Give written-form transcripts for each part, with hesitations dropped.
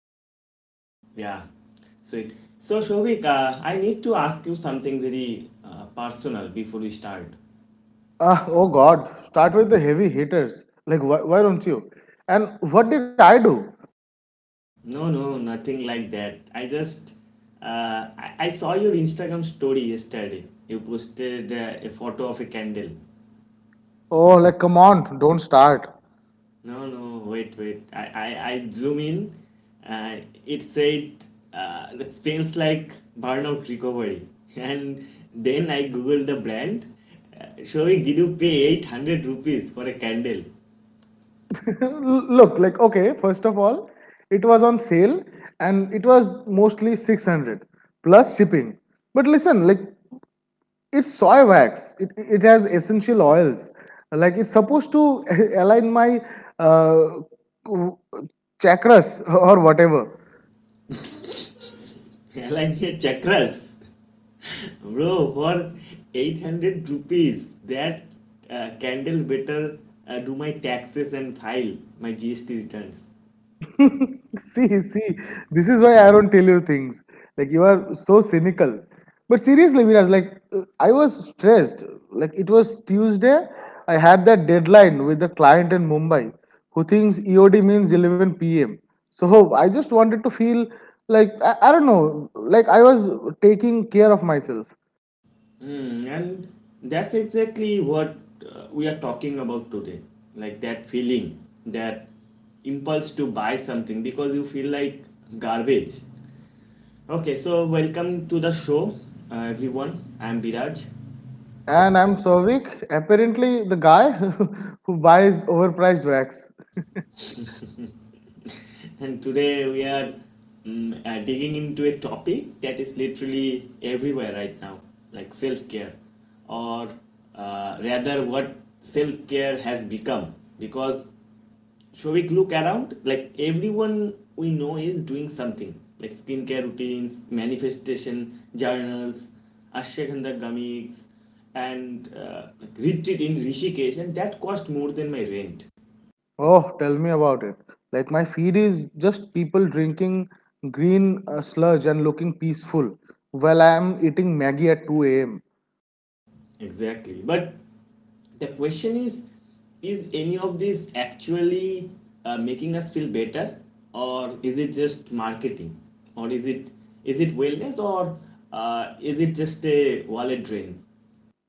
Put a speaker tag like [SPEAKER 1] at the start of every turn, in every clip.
[SPEAKER 1] we rolling? Yeah, sweet. So, Shobik, I need to ask you something very personal before we start.
[SPEAKER 2] Ah, oh God, start with the heavy hitters. Like, why don't you? And what did I do?
[SPEAKER 1] No, no, nothing like that. I just I saw your Instagram story yesterday. You posted a photo of a candle.
[SPEAKER 2] Oh, like, come on, don't start.
[SPEAKER 1] No, no, wait, wait. I zoom in. Uh, it said that smells like burnout recovery. And then I googled the brand. Showing did you pay 800 rupees for a candle?
[SPEAKER 2] Look, like, okay, first of all, it was on sale and it was mostly 600 plus shipping. But listen, like, it's soy wax, it has essential oils. Like, it's supposed to align my uh, chakras or whatever.
[SPEAKER 1] Align your chakras. Bro, for 800 rupees, that candle better do my taxes and file my GST returns.
[SPEAKER 2] See, see, this is why I don't tell you things. Like, you are so cynical. But seriously, Viraj, like I was stressed. Like, it was Tuesday. I had that deadline with the client in Mumbai who thinks EOD means 11 p.m. So I just wanted to feel like I don't know, like I was taking care of myself.
[SPEAKER 1] Hmm, and that's exactly what we are talking about today. Like that feeling, that impulse to buy something because you feel like garbage. Okay, so welcome to the show, everyone. I'm Biraj,
[SPEAKER 2] And I'm Sovik, apparently the guy who buys overpriced wax.
[SPEAKER 1] and today we are digging into a topic that is literally everywhere right now, like self care, or rather, what self care has become because Shovik, look around. Like everyone we know is doing something, like skincare routines, manifestation journals, ashwagandha gummies, and like retreat in Rishikesh, and that cost more than my rent.
[SPEAKER 2] Oh, tell me about it. Like, my feed is just people drinking green sludge and looking peaceful while I am eating Maggie at 2 a.m.
[SPEAKER 1] Exactly. But the question is any of this actually making us feel better, or is it just marketing, or is it wellness, or is it just a wallet drain?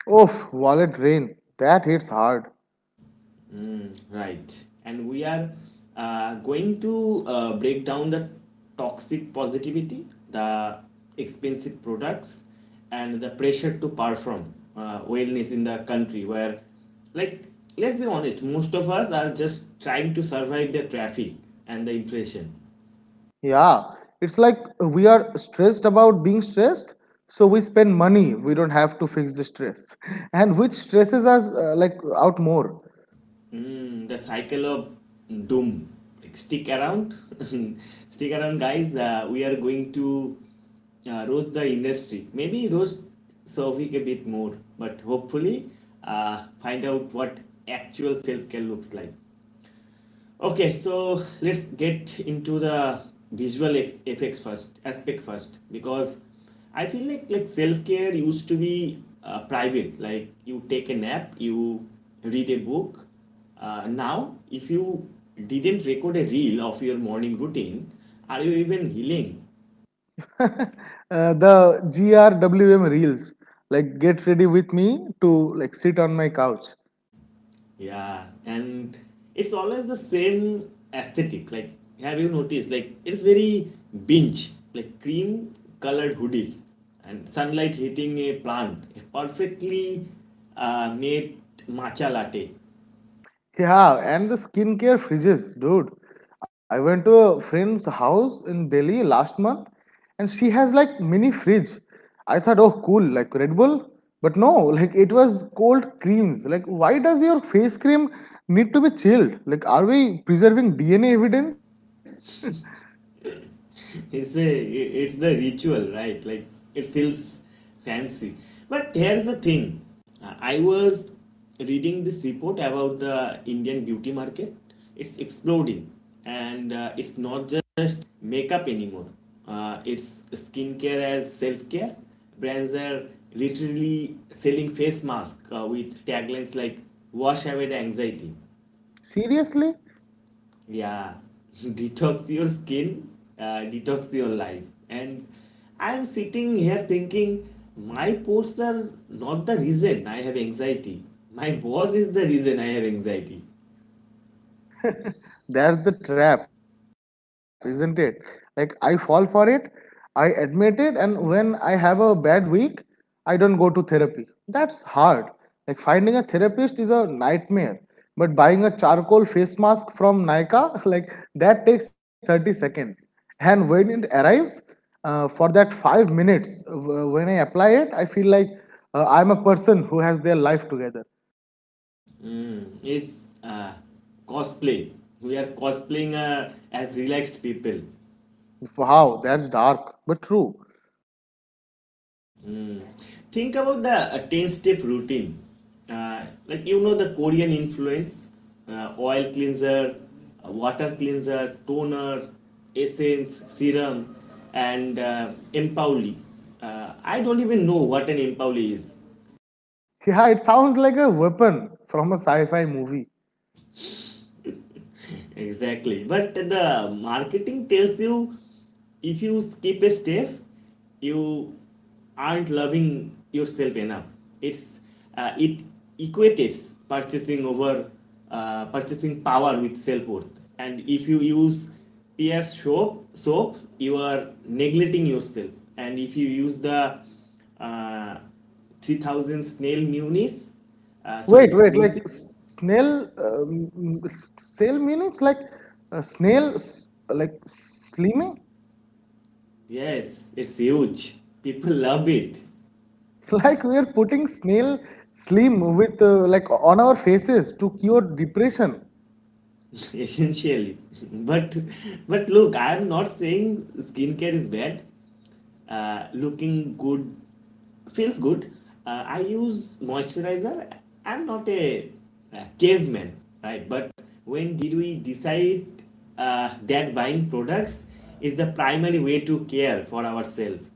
[SPEAKER 2] Oof, wallet drain. That hits hard.
[SPEAKER 1] Mm, right. And we are going to break down the toxic positivity, the expensive products, and the pressure to perform wellness in the country where, like, let's be honest, most of us are just trying to survive the traffic and the inflation.
[SPEAKER 2] Yeah, it's like we are stressed about being stressed, so we spend money we don't have to fix the stress. And which stresses us like out more.
[SPEAKER 1] Mm, the cycle of doom. Like, stick around, stick around, guys. We are going to roast the industry. Maybe roast Sovik a bit more, but hopefully, find out what actual self care looks like. Okay, so let's get into the visual aspect first, because I feel like self care used to be private. Like you take a nap, you read a book. Now, if you didn't record a reel of your morning routine, are you even healing?
[SPEAKER 2] The GRWM reels. Like, get ready with me to like sit on my couch.
[SPEAKER 1] Yeah, and it's always the same aesthetic. Like, have you noticed? Like, it's very binge, like cream colored hoodies and sunlight hitting a plant, a perfectly made matcha latte.
[SPEAKER 2] Yeah, and the skincare fridges, dude. I went to a friend's house in Delhi last month, and she has like mini fridge. I thought, oh, cool, like Red Bull. But no, like, it was cold creams. Like, why does your face cream need to be chilled? Like, are we preserving DNA evidence?
[SPEAKER 1] It's the ritual, right? Like, it feels fancy. But here's the thing. I was reading this report about the Indian beauty market. It's exploding, and it's not just makeup anymore. It's skincare as self care. Brands are literally selling face mask with taglines like "Wash away the anxiety."
[SPEAKER 2] Seriously?
[SPEAKER 1] Yeah, detox your skin, detox your life. And I'm sitting here thinking, my posts are not the reason I have anxiety. My boss is the reason I have anxiety.
[SPEAKER 2] That's the trap, isn't it? Like, I fall for it, I admit it, and when I have a bad week, I don't go to therapy. That's hard. Like, finding a therapist is a nightmare. But buying a charcoal face mask from Nykaa, like, that takes 30 seconds. And when it arrives, for that 5 minutes, when I apply it, I feel like I'm a person who has their life together.
[SPEAKER 1] Mm, it's cosplay. We are cosplaying as relaxed people.
[SPEAKER 2] Wow, that's dark, but true.
[SPEAKER 1] Mm. Think about the 10 step routine. Like the Korean influence oil cleanser, water cleanser, toner, essence, serum, and empauli. I don't even know what an empauli is.
[SPEAKER 2] Yeah, it sounds like a weapon from a sci-fi movie.
[SPEAKER 1] Exactly. But the marketing tells you if you skip a step, you aren't loving yourself enough. It's it equates purchasing power with self worth. And if you use peer soap, you are neglecting yourself. And if you use the uh, 3000 snail munis,
[SPEAKER 2] Wait,
[SPEAKER 1] sorry,
[SPEAKER 2] wait, like
[SPEAKER 1] music,
[SPEAKER 2] snail, snail meanings, like snail, like slimming.
[SPEAKER 1] yes, it's huge. People love it.
[SPEAKER 2] Like, we are putting snail slim with like on our faces to cure depression.
[SPEAKER 1] Essentially, but but look, I'm not saying skincare is bad. Looking good feels good. I use moisturizer. I'm not a caveman, right? But when did we decide that buying products is the primary way to care for ourselves?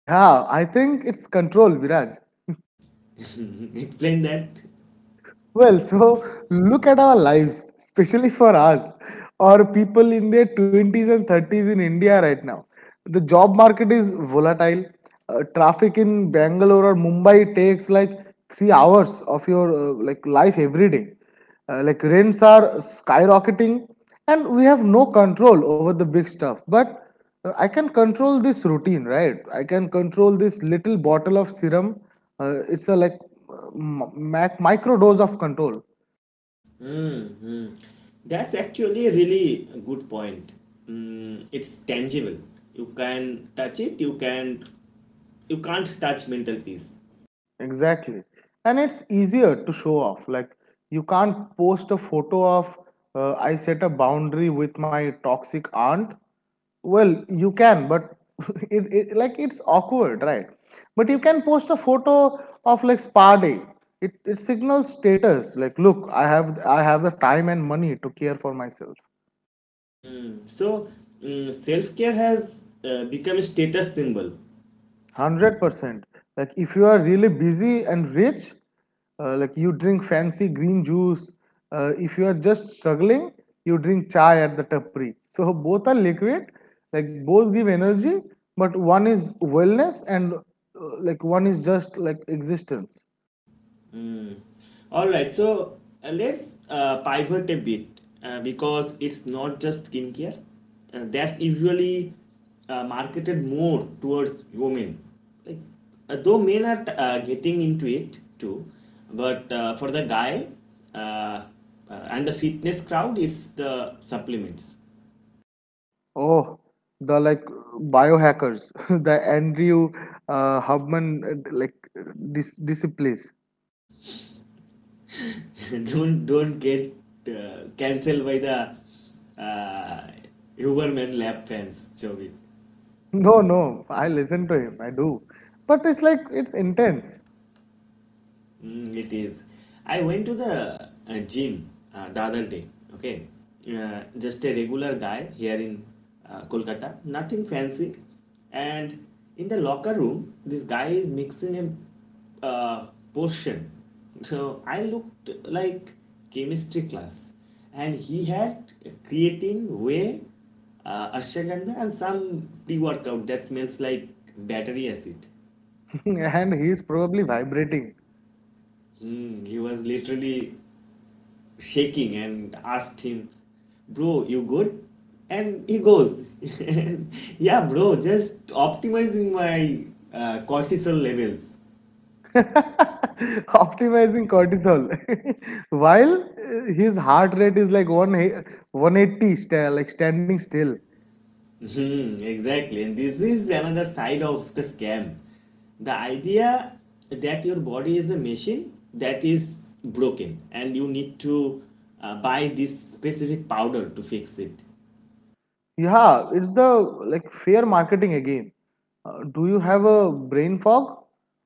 [SPEAKER 2] Yeah, I think it's control, Viraj.
[SPEAKER 1] Explain that.
[SPEAKER 2] Well, so look at our lives, especially for us or people in their 20s and 30s in India right now. The job market is volatile. Traffic in Bangalore or Mumbai takes like 3 hours of your like life every day. Like, rents are skyrocketing, and we have no control over the big stuff. But I can control this routine, right? I can control this little bottle of serum. It's a like uh, micro dose of control.
[SPEAKER 1] Mm-hmm. That's actually a really good point. Mm, it's tangible. You can touch it. You can't touch mental peace.
[SPEAKER 2] Exactly. And it's easier to show off. Like, you can't post a photo of I set a boundary with my toxic aunt. Well, you can, but it like it's awkward, right? But you can post a photo of like spa day. It signals status. Like, look, I have the time and money to care for myself.
[SPEAKER 1] Mm, so self care has become a status symbol.
[SPEAKER 2] 100%. Like, if you are really busy and rich, like, you drink fancy green juice. If you are just struggling, you drink chai at the tapri. So, both are liquid, like, both give energy, but one is wellness and like, one is just like existence.
[SPEAKER 1] All right, so let's pivot a bit because it's not just skincare. That's usually marketed more towards women. Like, though men are getting into it too, but for the guy uh, uh, and the fitness crowd, it's the supplements.
[SPEAKER 2] Oh, the like biohackers, the Andrew Hubman, like disciplines.
[SPEAKER 1] Don't get cancelled by the uh, Huberman lab fans, Jovi.
[SPEAKER 2] No, no, I listen to him, I do, but it's like, it's intense.
[SPEAKER 1] Mm, it is. I went to the gym the other day. Okay, just a regular guy here in Kolkata, nothing fancy. And in the locker room, this guy is mixing a portion. So I looked like chemistry class, and he had creatine, whey, ashwagandha, and some pre-workout that smells like battery acid.
[SPEAKER 2] And he is probably vibrating.
[SPEAKER 1] Hmm, he was literally shaking and asked him, "Bro, you good?" And he goes, "Yeah, bro, just optimizing my cortisol levels."
[SPEAKER 2] Optimizing cortisol, while his heart rate is like one 180, like standing still.
[SPEAKER 1] Hmm, exactly. And this is another side of the scam. The idea that your body is a machine that is broken and you need to buy this specific powder to fix it.
[SPEAKER 2] Yeah, it's the like fair marketing again. Do you have a brain fog,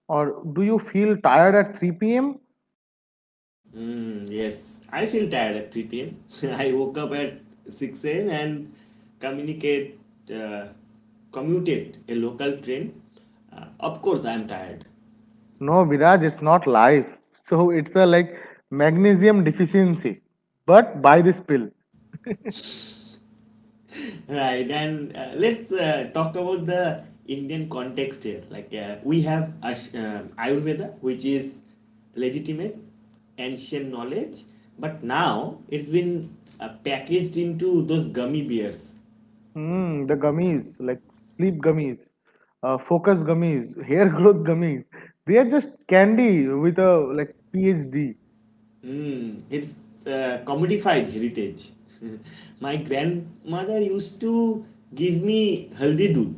[SPEAKER 2] or do you feel tired at 3 p.m.?
[SPEAKER 1] Mm, yes, I feel tired at 3 p.m. I woke up at 6 a.m. and communicate, uh, commuted a local train. Of course, I'm tired.
[SPEAKER 2] No, Viraj, it's not life. So it's a like magnesium deficiency, but buy this pill.
[SPEAKER 1] Right, and let's talk about the Indian context here. Like we have Ayurveda, which is legitimate ancient knowledge, but now it's been packaged into those gummy bears.
[SPEAKER 2] Mm, the gummies, like sleep gummies, focus gummies, hair growth gummies. They are just candy with a like PhD.
[SPEAKER 1] Mm, it's commodified heritage. My grandmother used to give me haldi dud,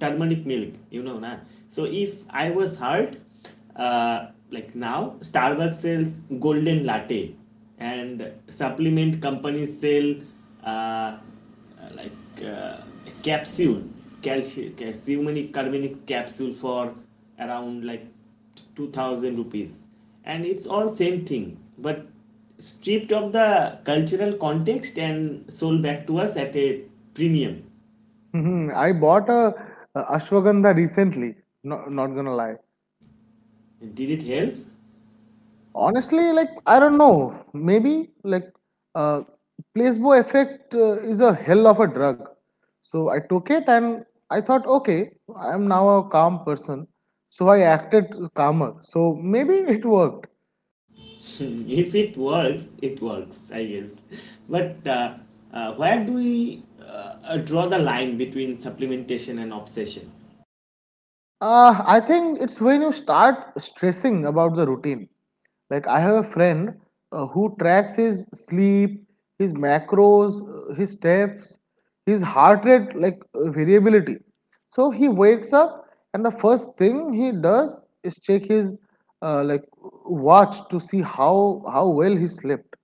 [SPEAKER 1] turmeric milk, you know, na. So if I was hurt, like now, Starbucks sells golden latte, and supplement companies sell uh, uh, like uh, a capsule, calcium, calciuminic carbonic capsule for around like 2,000 rupees, and it's all same thing, but stripped of the cultural context and sold back to us at a premium.
[SPEAKER 2] Hmm, I bought a ashwagandha recently. Not gonna lie.
[SPEAKER 1] Did it help?
[SPEAKER 2] Honestly, like, I don't know. Maybe, like uh, placebo effect is a hell of a drug. So I took it and I thought, okay, I am now a calm person. So I acted calmer. So maybe it worked.
[SPEAKER 1] If it works, it works, I guess. But where do we draw the line between supplementation and obsession?
[SPEAKER 2] I think it's when you start stressing about the routine. Like, I have a friend who tracks his sleep, his macros, his steps, his heart rate, like variability. So he wakes up, and the first thing he does is check his like watch to see how well he slept.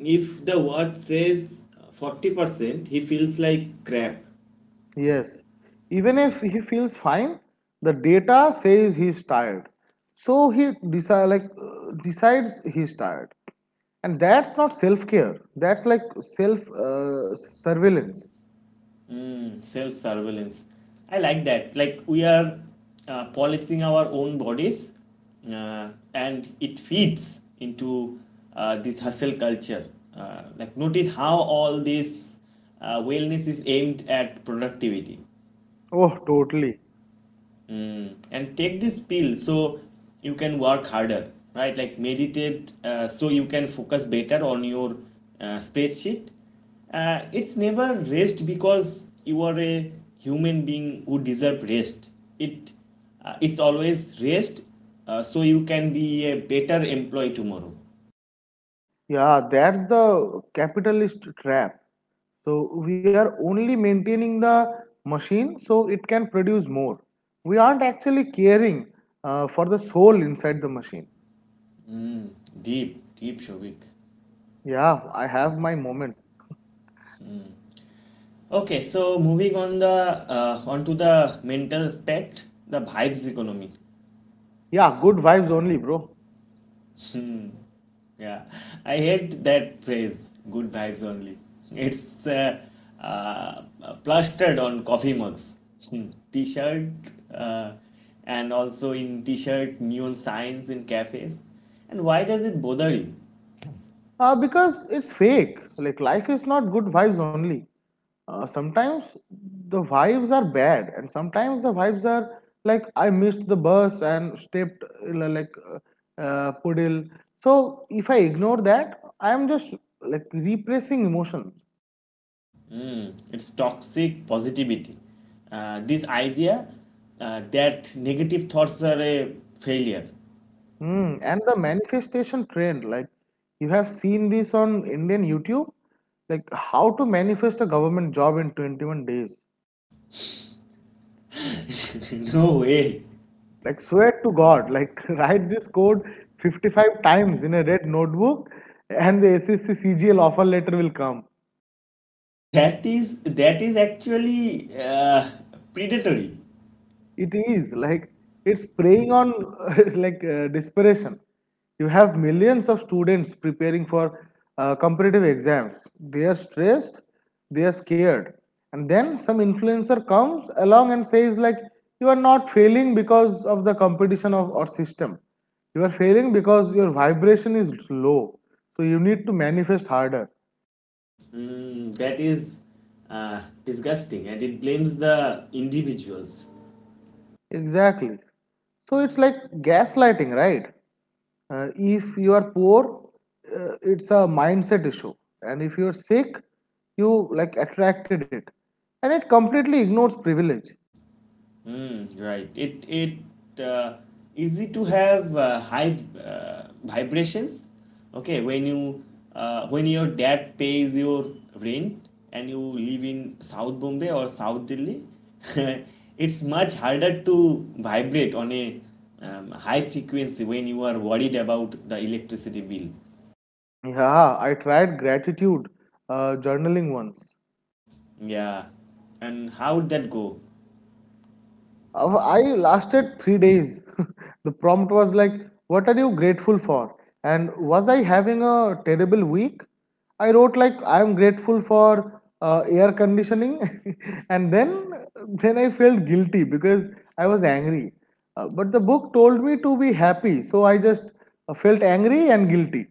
[SPEAKER 1] If the word says 40%, he feels like crap.
[SPEAKER 2] Yes, even if he feels fine, the data says he's tired. So he like, decides he's tired. And that's not self care, that's like self surveillance.
[SPEAKER 1] Self surveillance. I like that. Like, we are policing our own bodies, and it feeds into this hustle culture. Like, notice how all this wellness is aimed at productivity.
[SPEAKER 2] Oh, totally.
[SPEAKER 1] And take this pill so you can work harder, right? Like, meditate so you can focus better on your spreadsheet. It's never rest because you are a human being who deserve rest. It uh, it's always rest so you can be a better employee tomorrow.
[SPEAKER 2] Yeah, that's the capitalist trap. So we are only maintaining the machine so it can produce more. We aren't actually caring for the soul inside the machine.
[SPEAKER 1] Deep, deep, Shovik.
[SPEAKER 2] Yeah, I have my moments.
[SPEAKER 1] Okay, so moving on the onto the mental aspect, the vibes economy.
[SPEAKER 2] Yeah, good vibes only, bro.
[SPEAKER 1] Yeah, I hate that phrase, "good vibes only." It's uh, plastered on coffee mugs, t-shirt, uh, and also in t-shirt neon signs in cafes. And why does it bother you?
[SPEAKER 2] Because it's fake. Like, life is not good vibes only. Sometimes the vibes are bad, and sometimes the vibes are like, I missed the bus and stepped, uh, like, uh, puddle. So, if I ignore that, I am just like repressing emotions.
[SPEAKER 1] Hmm, it's toxic positivity. This idea that negative thoughts are a failure.
[SPEAKER 2] Mm. And the manifestation trend, like, you have seen this on Indian YouTube, like, how to manifest a government job in 21 days.
[SPEAKER 1] No way.
[SPEAKER 2] Like, swear to God, like, write this code 55 times in a red notebook and the SSC CGL offer letter will come.
[SPEAKER 1] That is actually predatory.
[SPEAKER 2] It is like it's preying on like desperation. You have millions of students preparing for competitive exams. They are stressed, they are scared, and then some influencer comes along and says, like, you are not failing because of the competition of our system, you are failing because your vibration is low, so you need to manifest harder.
[SPEAKER 1] Mm, that is disgusting, and it blames the individuals.
[SPEAKER 2] Exactly. So it's like gaslighting, right? If you are poor, it's a mindset issue, and if you're sick, you like attracted it, and it completely ignores privilege.
[SPEAKER 1] Mm, right. It easy to have high vibrations. Okay, when your dad pays your rent and you live in South Bombay or South Delhi, it's much harder to vibrate on a high frequency when you are worried about the electricity bill.
[SPEAKER 2] Yeah, I tried gratitude journaling once.
[SPEAKER 1] Yeah, and how would that go?
[SPEAKER 2] I lasted 3 days. The prompt was like, what are you grateful for? And was I having a terrible week? I wrote, like, I am grateful for air conditioning. And then I felt guilty because I was angry. But the book told me to be happy, so I just felt angry and guilty.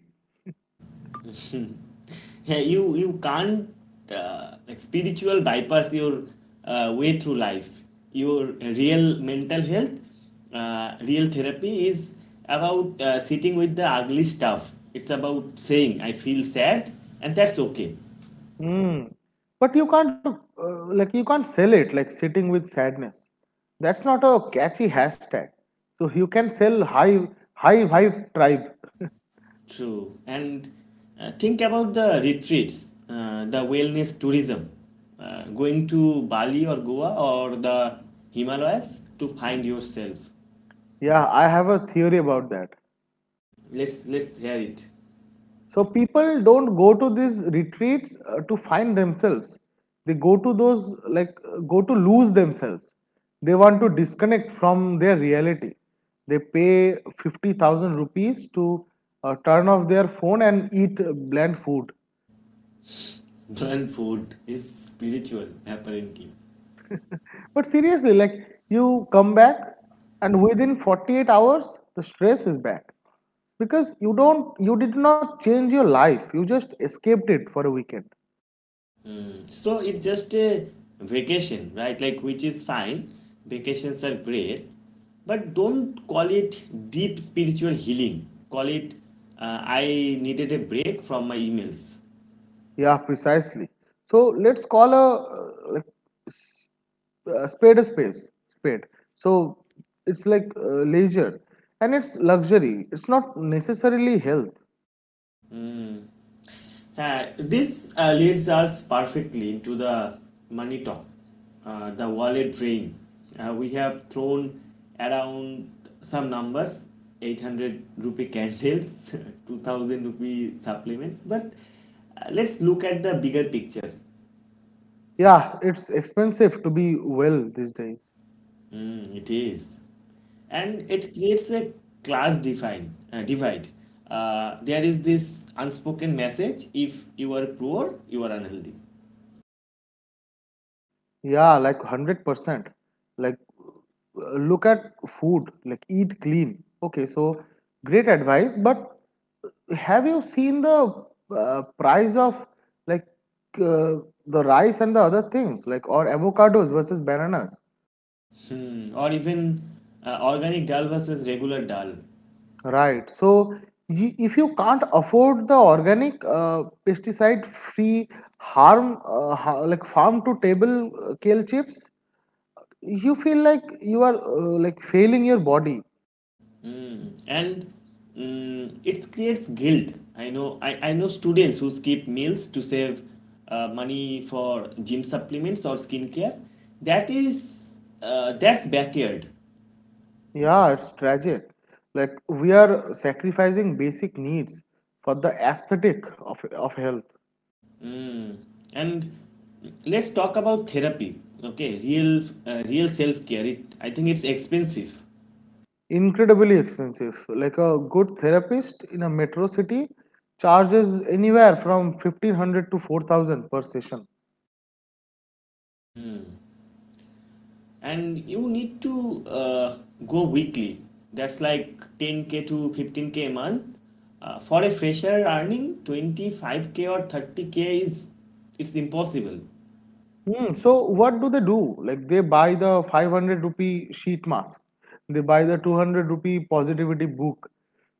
[SPEAKER 1] Yeah, you can't like spiritual bypass your way through life. Your real mental health, Real therapy is about sitting with the ugly stuff. It's about saying, "I feel sad," and that's okay.
[SPEAKER 2] Mm. But you can't, like, you can't sell it like sitting with sadness. That's not a catchy hashtag. So you can sell high vibe tribe.
[SPEAKER 1] True. And think about the retreats, the wellness tourism, going to Bali or Goa or the Himalayas to find yourself.
[SPEAKER 2] Yeah, I have a theory about that.
[SPEAKER 1] Let's hear it.
[SPEAKER 2] So people don't go to these retreats to find themselves. They like, go to lose themselves. They want to disconnect from their reality. They pay 50,000 rupees to turn off their phone and eat bland food.
[SPEAKER 1] Burn food is spiritual, apparently.
[SPEAKER 2] But seriously, like, you come back and within 48 hours, the stress is back because you did not change your life. You just escaped it for a weekend.
[SPEAKER 1] Mm, so it's just a vacation, right? Like, which is fine. Vacations are great. But don't call it deep spiritual healing. Call it, "I needed a break from my emails."
[SPEAKER 2] Yeah, precisely. So let's call s- a spade a space spade. So it's like leisure and it's luxury. It's not necessarily health.
[SPEAKER 1] This leads us perfectly into the money talk, the wallet drain. We have thrown around some numbers. 800 rupee candles, 2000 rupee supplements, but let's look at the bigger picture.
[SPEAKER 2] Yeah, it's expensive to be well these days.
[SPEAKER 1] Mm, it is. And it creates a class divide. There is this unspoken message: if you are poor, you are unhealthy.
[SPEAKER 2] Yeah, like 100%. Like, look at food, like, eat clean. Okay, so great advice, but have you seen the price of like uh, the rice and the other things, like, or avocados versus bananas?
[SPEAKER 1] Hmm, or even organic dal versus regular dal.
[SPEAKER 2] Right. So, if you can't afford the organic, pesticide-free like farm-to-table kale chips, you feel like you are like failing your body.
[SPEAKER 1] Hmm, and it creates guilt. I know students who skip meals to save money for gym supplements or skincare. That is that's backyard.
[SPEAKER 2] Yeah, it's tragic. Like, we are sacrificing basic needs for the aesthetic of health.
[SPEAKER 1] Hmm, and let's talk about therapy. Okay, real self care. It I think it's expensive.
[SPEAKER 2] Incredibly expensive. Like a good therapist in a metro city charges anywhere from 1500 to 4000 per session.
[SPEAKER 1] Hmm. And you need to go weekly. That's like 10K to 15K a month for a fresher earning 25K or 30K. Is it's impossible.
[SPEAKER 2] Hmm, so what do they do? Like, they buy the 500 rupee sheet mask. They buy the 200 rupee positivity book.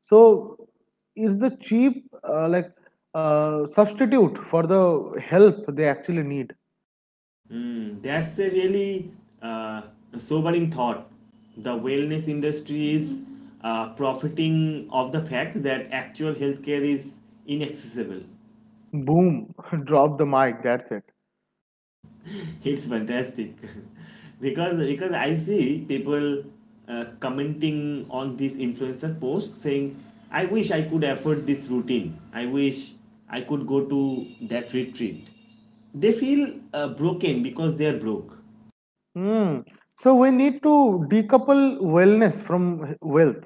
[SPEAKER 2] So it's the cheap like substitute for the help they actually need.
[SPEAKER 1] That's a really uh, sobering thought. The wellness industry is profiting of the fact that actual healthcare is inaccessible.
[SPEAKER 2] Boom, drop the mic, that's it.
[SPEAKER 1] It's fantastic. Because I see people commenting on this influencer post saying, "I wish I could afford this routine. I wish I could go to that retreat." They feel broken because they are broke.
[SPEAKER 2] Hmm. So we need to decouple wellness from wealth.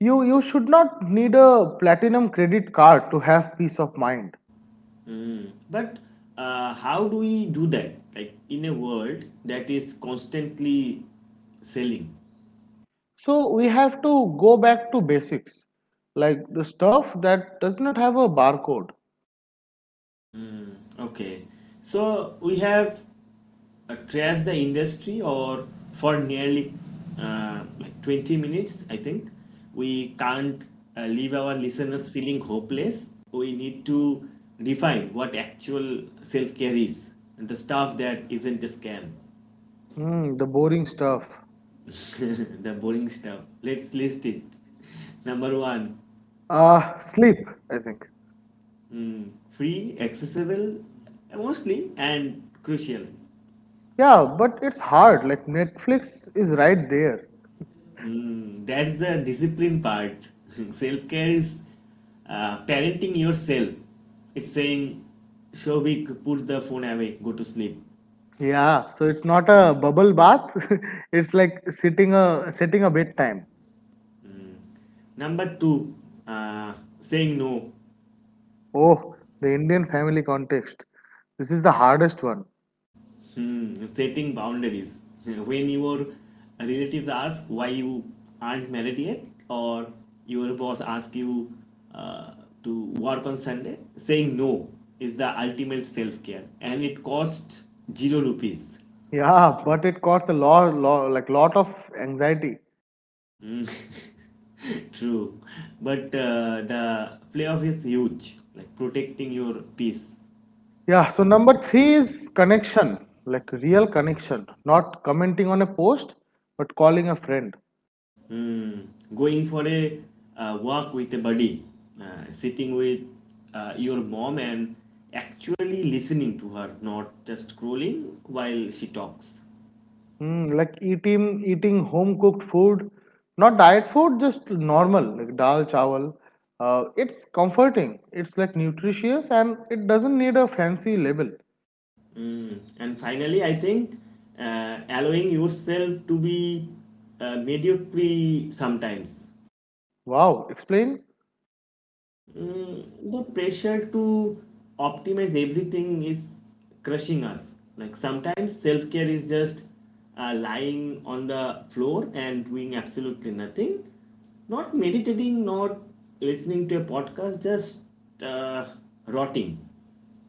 [SPEAKER 2] You should not need a platinum credit card to have peace of mind.
[SPEAKER 1] Mm. But how do we do that? Like in a world that is constantly selling.
[SPEAKER 2] So we have to go back to basics. Like the stuff that does not have a barcode.
[SPEAKER 1] Okay, so we have trashed the industry or for nearly like 20 minutes, I think. We can't leave our listeners feeling hopeless. We need to define what actual self care is and the stuff that isn't a scam.
[SPEAKER 2] Hmm, the boring stuff.
[SPEAKER 1] The boring stuff. Let's list it. Number one,
[SPEAKER 2] Sleep, I think.
[SPEAKER 1] free, accessible, mostly, and crucial.
[SPEAKER 2] Yeah, but it's hard. Like, Netflix is right there.
[SPEAKER 1] Mm, that's the discipline part. Self care is parenting yourself. It's saying, "Shobik, put the phone away, go to sleep."
[SPEAKER 2] Yeah, so it's not a bubble bath. It's like sitting a setting a bedtime.
[SPEAKER 1] Number two, uh, saying no.
[SPEAKER 2] Oh, the Indian family context. This is the hardest one.
[SPEAKER 1] Hmm, setting boundaries. When your relatives ask why you aren't married yet, or your boss asks you uh, to work on Sunday, saying no is the ultimate self care and it costs 0 rupees.
[SPEAKER 2] Yeah, but it costs a lot, lot, like, lot of anxiety.
[SPEAKER 1] True, but the playoff is huge, like protecting your peace.
[SPEAKER 2] Yeah, so number three is connection, like real connection, not commenting on a post, but calling a friend.
[SPEAKER 1] Hmm. Going for a walk with a buddy, sitting with your mom and actually listening to her, not just scrolling while she talks.
[SPEAKER 2] Mm, like eating home cooked food, not diet food, just normal like dal chawal. It's comforting. It's like nutritious and it doesn't need a fancy label.
[SPEAKER 1] Hmm. And finally, I think allowing yourself to be mediocre sometimes.
[SPEAKER 2] Wow, explain.
[SPEAKER 1] Mm, the pressure to optimize everything is crushing us. Like sometimes self care is just lying on the floor and doing absolutely nothing, not meditating, not listening to a podcast, just uh, rotting.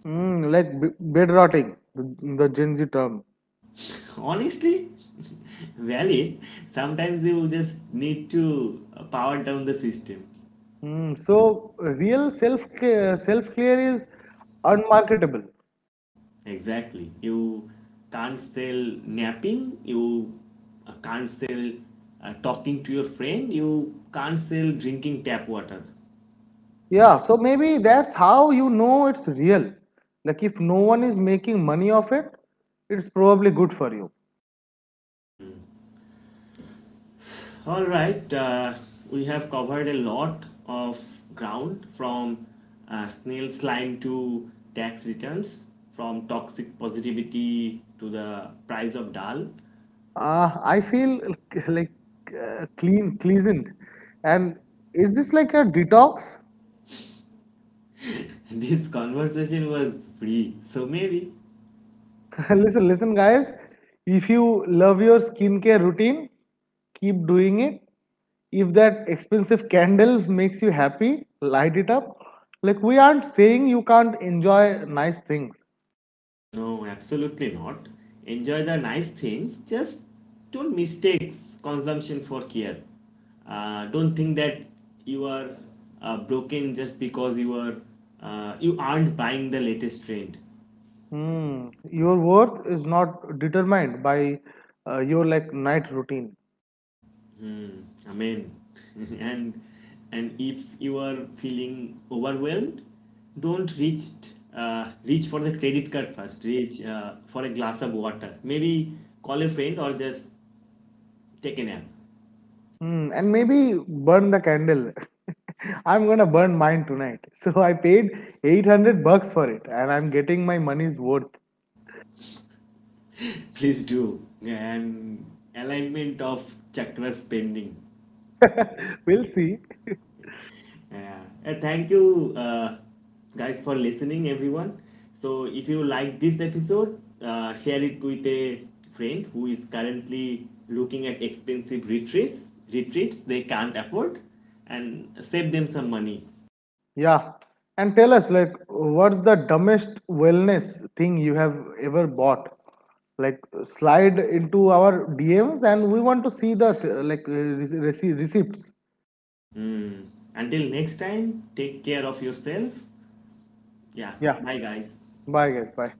[SPEAKER 2] Mm, like bed rotting, the Gen Z term.
[SPEAKER 1] Honestly, valid. Sometimes you just need to power down the system.
[SPEAKER 2] Mm, so real self clear is unmarketable.
[SPEAKER 1] Exactly. You can't sell napping, you can't sell talking to your friend, you can't sell drinking tap water.
[SPEAKER 2] Yeah, so maybe that's how you know it's real. Like, if no one is making money off it, it's probably good for you.
[SPEAKER 1] All right, we have covered a lot of ground from snail slime to tax returns, from toxic positivity to the price of dal.
[SPEAKER 2] I feel clean, cleansed. And is this like a detox?
[SPEAKER 1] This conversation was free, so maybe.
[SPEAKER 2] Listen, listen, guys. If you love your skincare routine, keep doing it. If that expensive candle makes you happy, light it up. Like, we aren't saying you can't enjoy nice things.
[SPEAKER 1] No, absolutely not. Enjoy the nice things, just don't mistake consumption for care. Don't think that you are broken just because you aren't buying the latest trend.
[SPEAKER 2] Hmm. Your worth is not determined by your like night routine.
[SPEAKER 1] Hmm, amen. and and if you are feeling overwhelmed, don't reach for the credit card first. Reach for a glass of water. Maybe call a friend or just take a nap.
[SPEAKER 2] Mm, and maybe burn the candle. I'm gonna burn mine tonight. So I paid 800 bucks for it and I'm getting my money's worth.
[SPEAKER 1] Please do. And alignment of chakra spending.
[SPEAKER 2] We'll see.
[SPEAKER 1] Yeah. Thank you, guys, for listening, everyone. So, if you like this episode, share it with a friend who is currently looking at expensive retreats. Retreats they can't afford, and save them some money.
[SPEAKER 2] Yeah. And tell us, like, what's the dumbest wellness thing you have ever bought? Like, slide into our DMs and we want to see the, th- like, rece- rece- receipts.
[SPEAKER 1] Mm. Until next time, take care of yourself. Yeah.
[SPEAKER 2] Yeah.
[SPEAKER 1] Bye, guys.
[SPEAKER 2] Bye, guys. Bye.